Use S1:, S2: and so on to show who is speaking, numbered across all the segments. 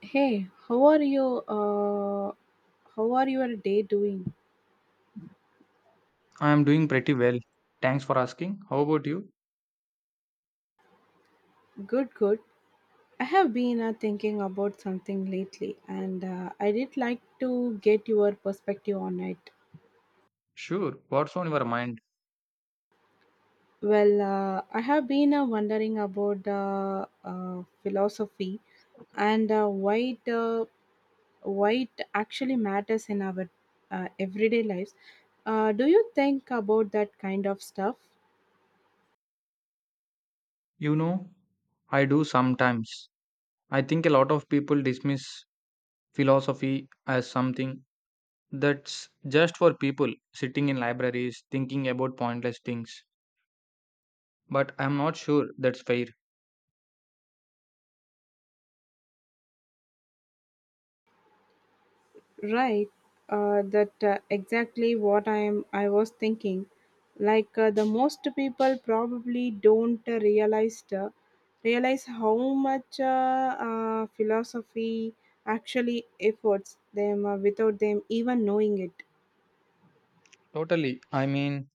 S1: Hey, how are you? Uh, how are your day doing?
S2: I'm doing pretty well. Thanks for asking. How about you?
S1: Good, good. I have been thinking about something lately, and I did like to get your perspective on it.
S2: Sure. What's on your mind?
S1: I have been wondering about the philosophy and why it actually matters in our everyday lives. Do you think about that kind of stuff?
S2: You know, I do sometimes. I think a lot of people dismiss philosophy as something that's just for people sitting in libraries thinking about pointless things. But I'm not sure that's fair.
S1: Right, that exactly what I am. I was thinking, like the most people probably don't realize how much philosophy actually efforts them without them even knowing it.
S2: Totally. I mean,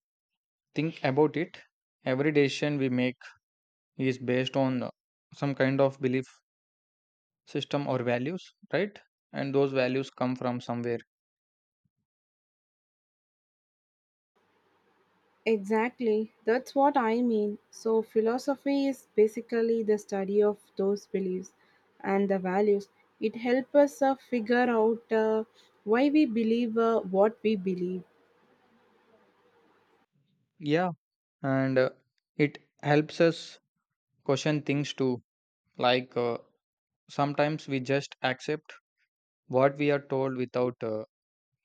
S2: think about it. Every decision we make is based on some kind of belief system or values, right? And those values come from somewhere.
S1: Exactly, that's what I mean. So philosophy is basically the study of those beliefs and the values. It helps us figure out why we believe what we believe.
S2: Yeah, and it helps us question things too, like sometimes we just accept what we are told without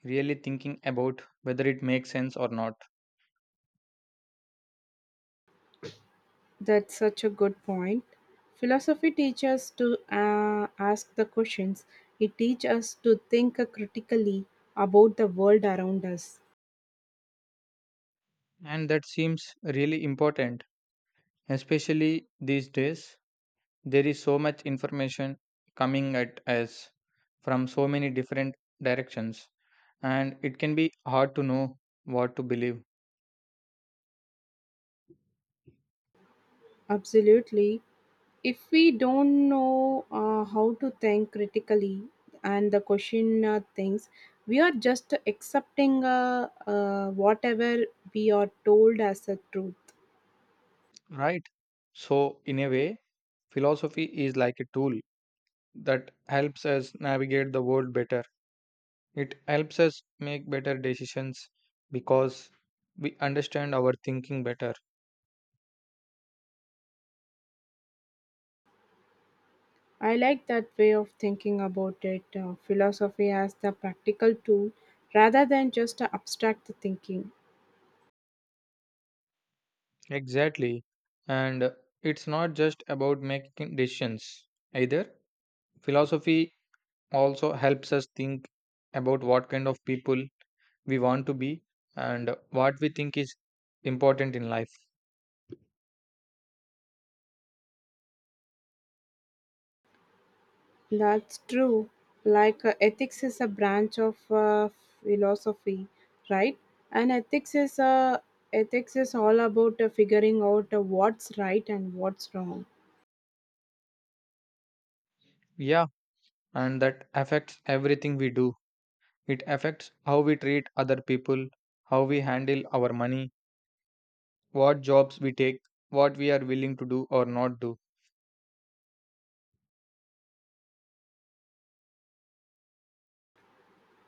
S2: really thinking about whether it makes sense or not.
S1: That's such a good point. Philosophy teaches us to ask the questions. It teaches us to think critically about the world around us.
S2: And that seems really important, especially these days. There is so much information coming at us from so many different directions, and it can be hard to know what to believe.
S1: Absolutely. If we don't know how to think critically and the question things, we are just accepting whatever we are told as a truth.
S2: Right, so in a way, philosophy is like a tool that helps us navigate the world better. It helps us make better decisions because we understand our thinking better.
S1: I like that way of thinking about it. Philosophy as the practical tool rather than just a abstract thinking.
S2: Exactly. And it's not just about making decisions either. Philosophy also helps us think about what kind of people we want to be and what we think is important in life.
S1: That's true. Like ethics is a branch of philosophy, right? And ethics is all about figuring out what's right and what's wrong.
S2: Yeah, and that affects everything we do. It affects how we treat other people, how we handle our money, what jobs we take, what we are willing to do or not do.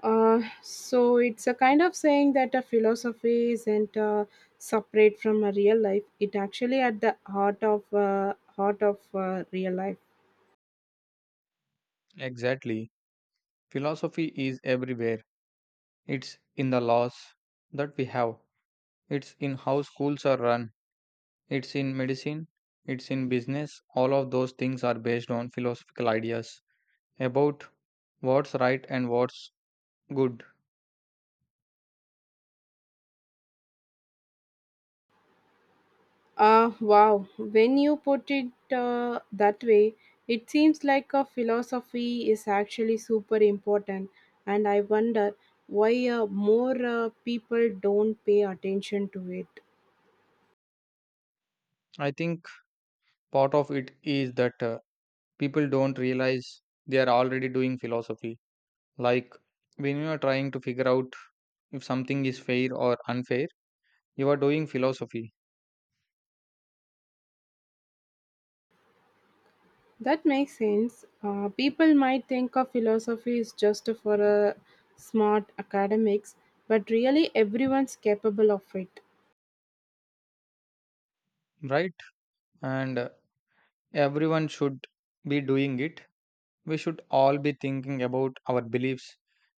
S1: So it's a kind of saying that a philosophy isn't separate from a real life. It actually at the heart of real life.
S2: Exactly. Philosophy is everywhere. It's in the laws that we have, it's in how schools are run, it's in medicine, it's in business. All of those things are based on philosophical ideas about what's right and what's good.
S1: Ah, wow. When you put it that way, it seems like a philosophy is actually super important. And I wonder why more people don't pay attention to it.
S2: I think part of it is that people don't realize they are already doing philosophy. Like, when you are trying to figure out if something is fair or unfair, you are doing philosophy.
S1: That makes sense. People might think of philosophy is just for smart academics, but really everyone's capable of it.
S2: Right, and everyone should be doing it. We should all be thinking about our beliefs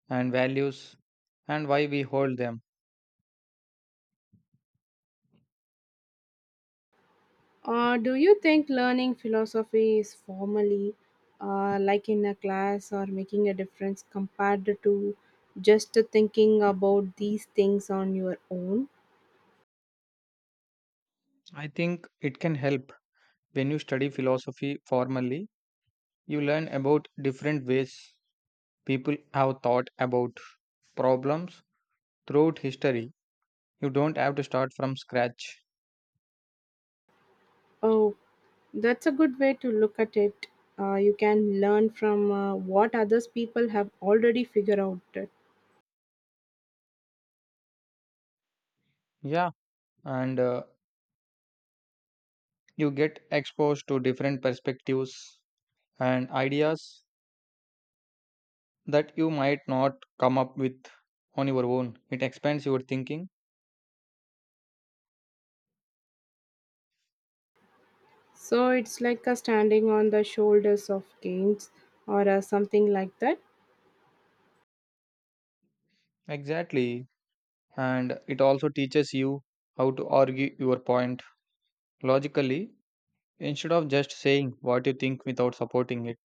S2: and values and why we hold them.
S1: Do you think learning philosophy is formally, like in a class, or making a difference compared to just thinking about these things on your own?
S2: I think it can help. When you study philosophy formally, you learn about different ways people have thought about problems throughout history. You don't have to start from scratch.
S1: Oh, that's a good way to look at it. You can learn from what others people have already figured out. It.
S2: Yeah, and you get exposed to different perspectives and ideas that you might not come up with on your own. It expands your thinking.
S1: So it's like a standing on the shoulders of kings or something like that.
S2: Exactly. And it also teaches you how to argue your point logically instead of just saying what you think without supporting it.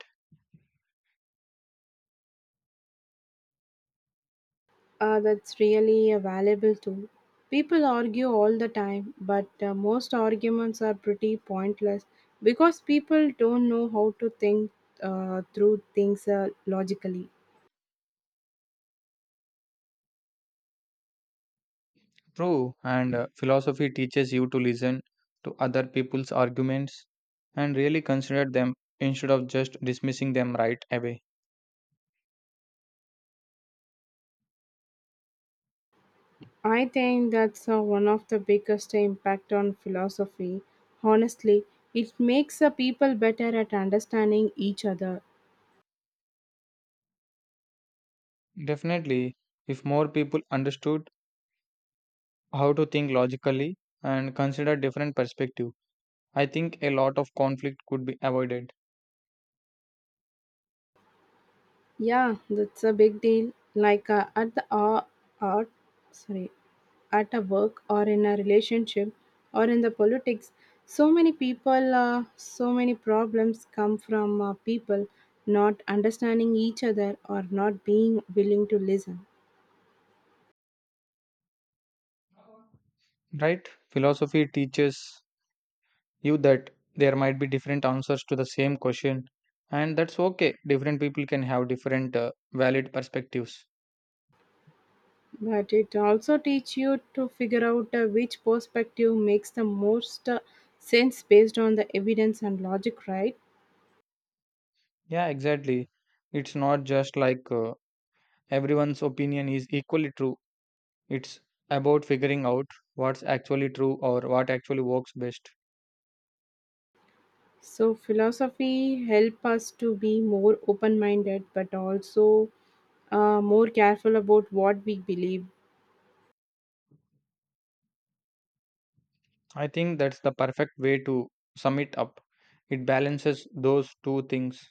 S1: That's really a valuable tool. People argue all the time, but most arguments are pretty pointless because people don't know how to think through things logically.
S2: True. And philosophy teaches you to listen to other people's arguments and really consider them instead of just dismissing them right away.
S1: I think that's one of the biggest impact on philosophy. Honestly, it makes people better at understanding each other.
S2: Definitely, if more people understood how to think logically and consider different perspectives, I think a lot of conflict could be avoided.
S1: Yeah, that's a big deal. Like at the art, art, sorry, at a work or in a relationship or in the politics, so many people, so many problems come from people not understanding each other or not being willing to listen.
S2: Right? Philosophy teaches you that there might be different answers to the same question, and that's okay. Different people can have different valid perspectives.
S1: But it also teach you to figure out which perspective makes the most sense based on the evidence and logic, right?
S2: Yeah, exactly. It's not just like everyone's opinion is equally true. It's about figuring out what's actually true or what actually works best.
S1: So philosophy help us to be more open-minded, but also more careful about what we believe.
S2: I think that's the perfect way to sum it up. It balances those two things.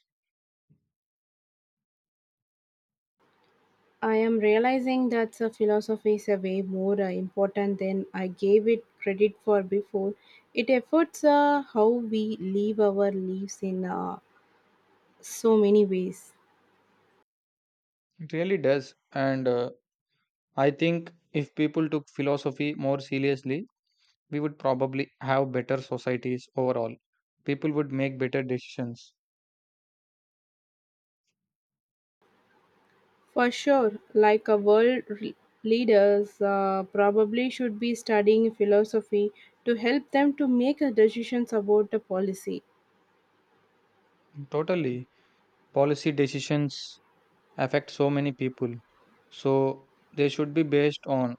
S1: I am realizing that the philosophy is a way more important than I gave it credit for before. It affects how we live our lives in so many ways.
S2: It really does. And I think if people took philosophy more seriously, we would probably have better societies overall. People would make better decisions.
S1: For sure, like a leaders probably should be studying philosophy to help them to make decisions about the policy.
S2: Totally. Policy decisions affect so many people. So they should be based on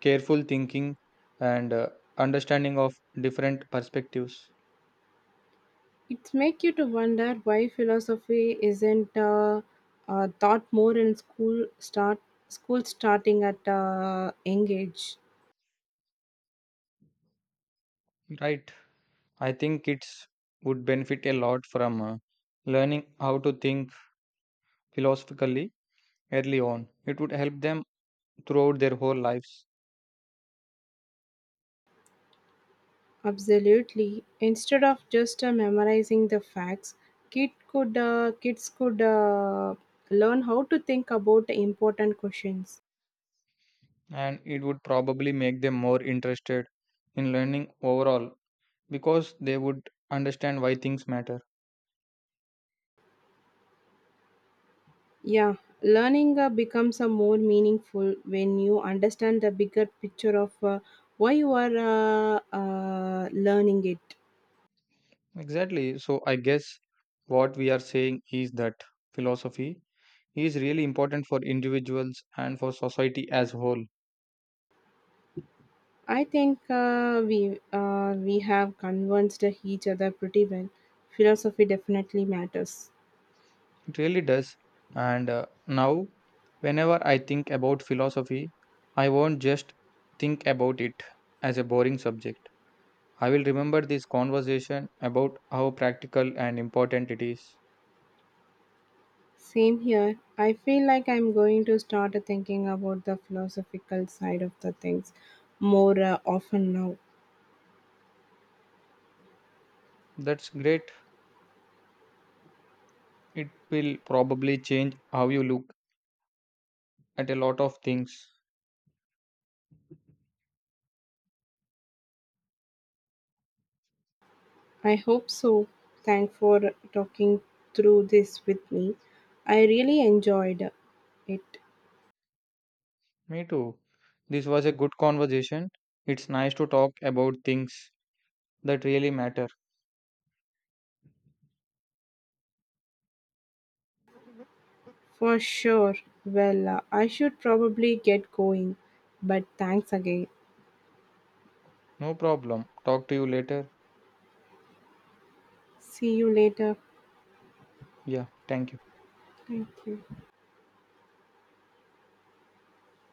S2: careful thinking and understanding of different perspectives.
S1: It make you to wonder why philosophy isn't taught more in school starting at young age.
S2: Right. I think kids would benefit a lot from learning how to think philosophically early on. It would help them throughout their whole lives.
S1: Absolutely. Instead of just memorizing the facts, kids could learn how to think about important questions.
S2: And it would probably make them more interested in learning overall because they would understand why things matter.
S1: Yeah, learning becomes a more meaningful when you understand the bigger picture of why you are learning it.
S2: Exactly. So, I guess what we are saying is that philosophy is really important for individuals and for society as a whole.
S1: I think we have convinced each other pretty well. Philosophy definitely matters.
S2: It really does. And now, whenever I think about philosophy, I won't just think about it as a boring subject. I will remember this conversation about how practical and important it is.
S1: Same here. I feel like I'm going to start thinking about the philosophical side of the things more often now.
S2: That's great. It will probably change how you look at a lot of things.
S1: I hope so. Thanks for talking through this with me. I really enjoyed it
S2: Me too. This was a good conversation. It's nice to talk about things that really matter.
S1: for sure. Well, I should probably get going, but thanks again.
S2: No problem. Talk to you later.
S1: See you later.
S2: Yeah, thank you.
S1: Thank you.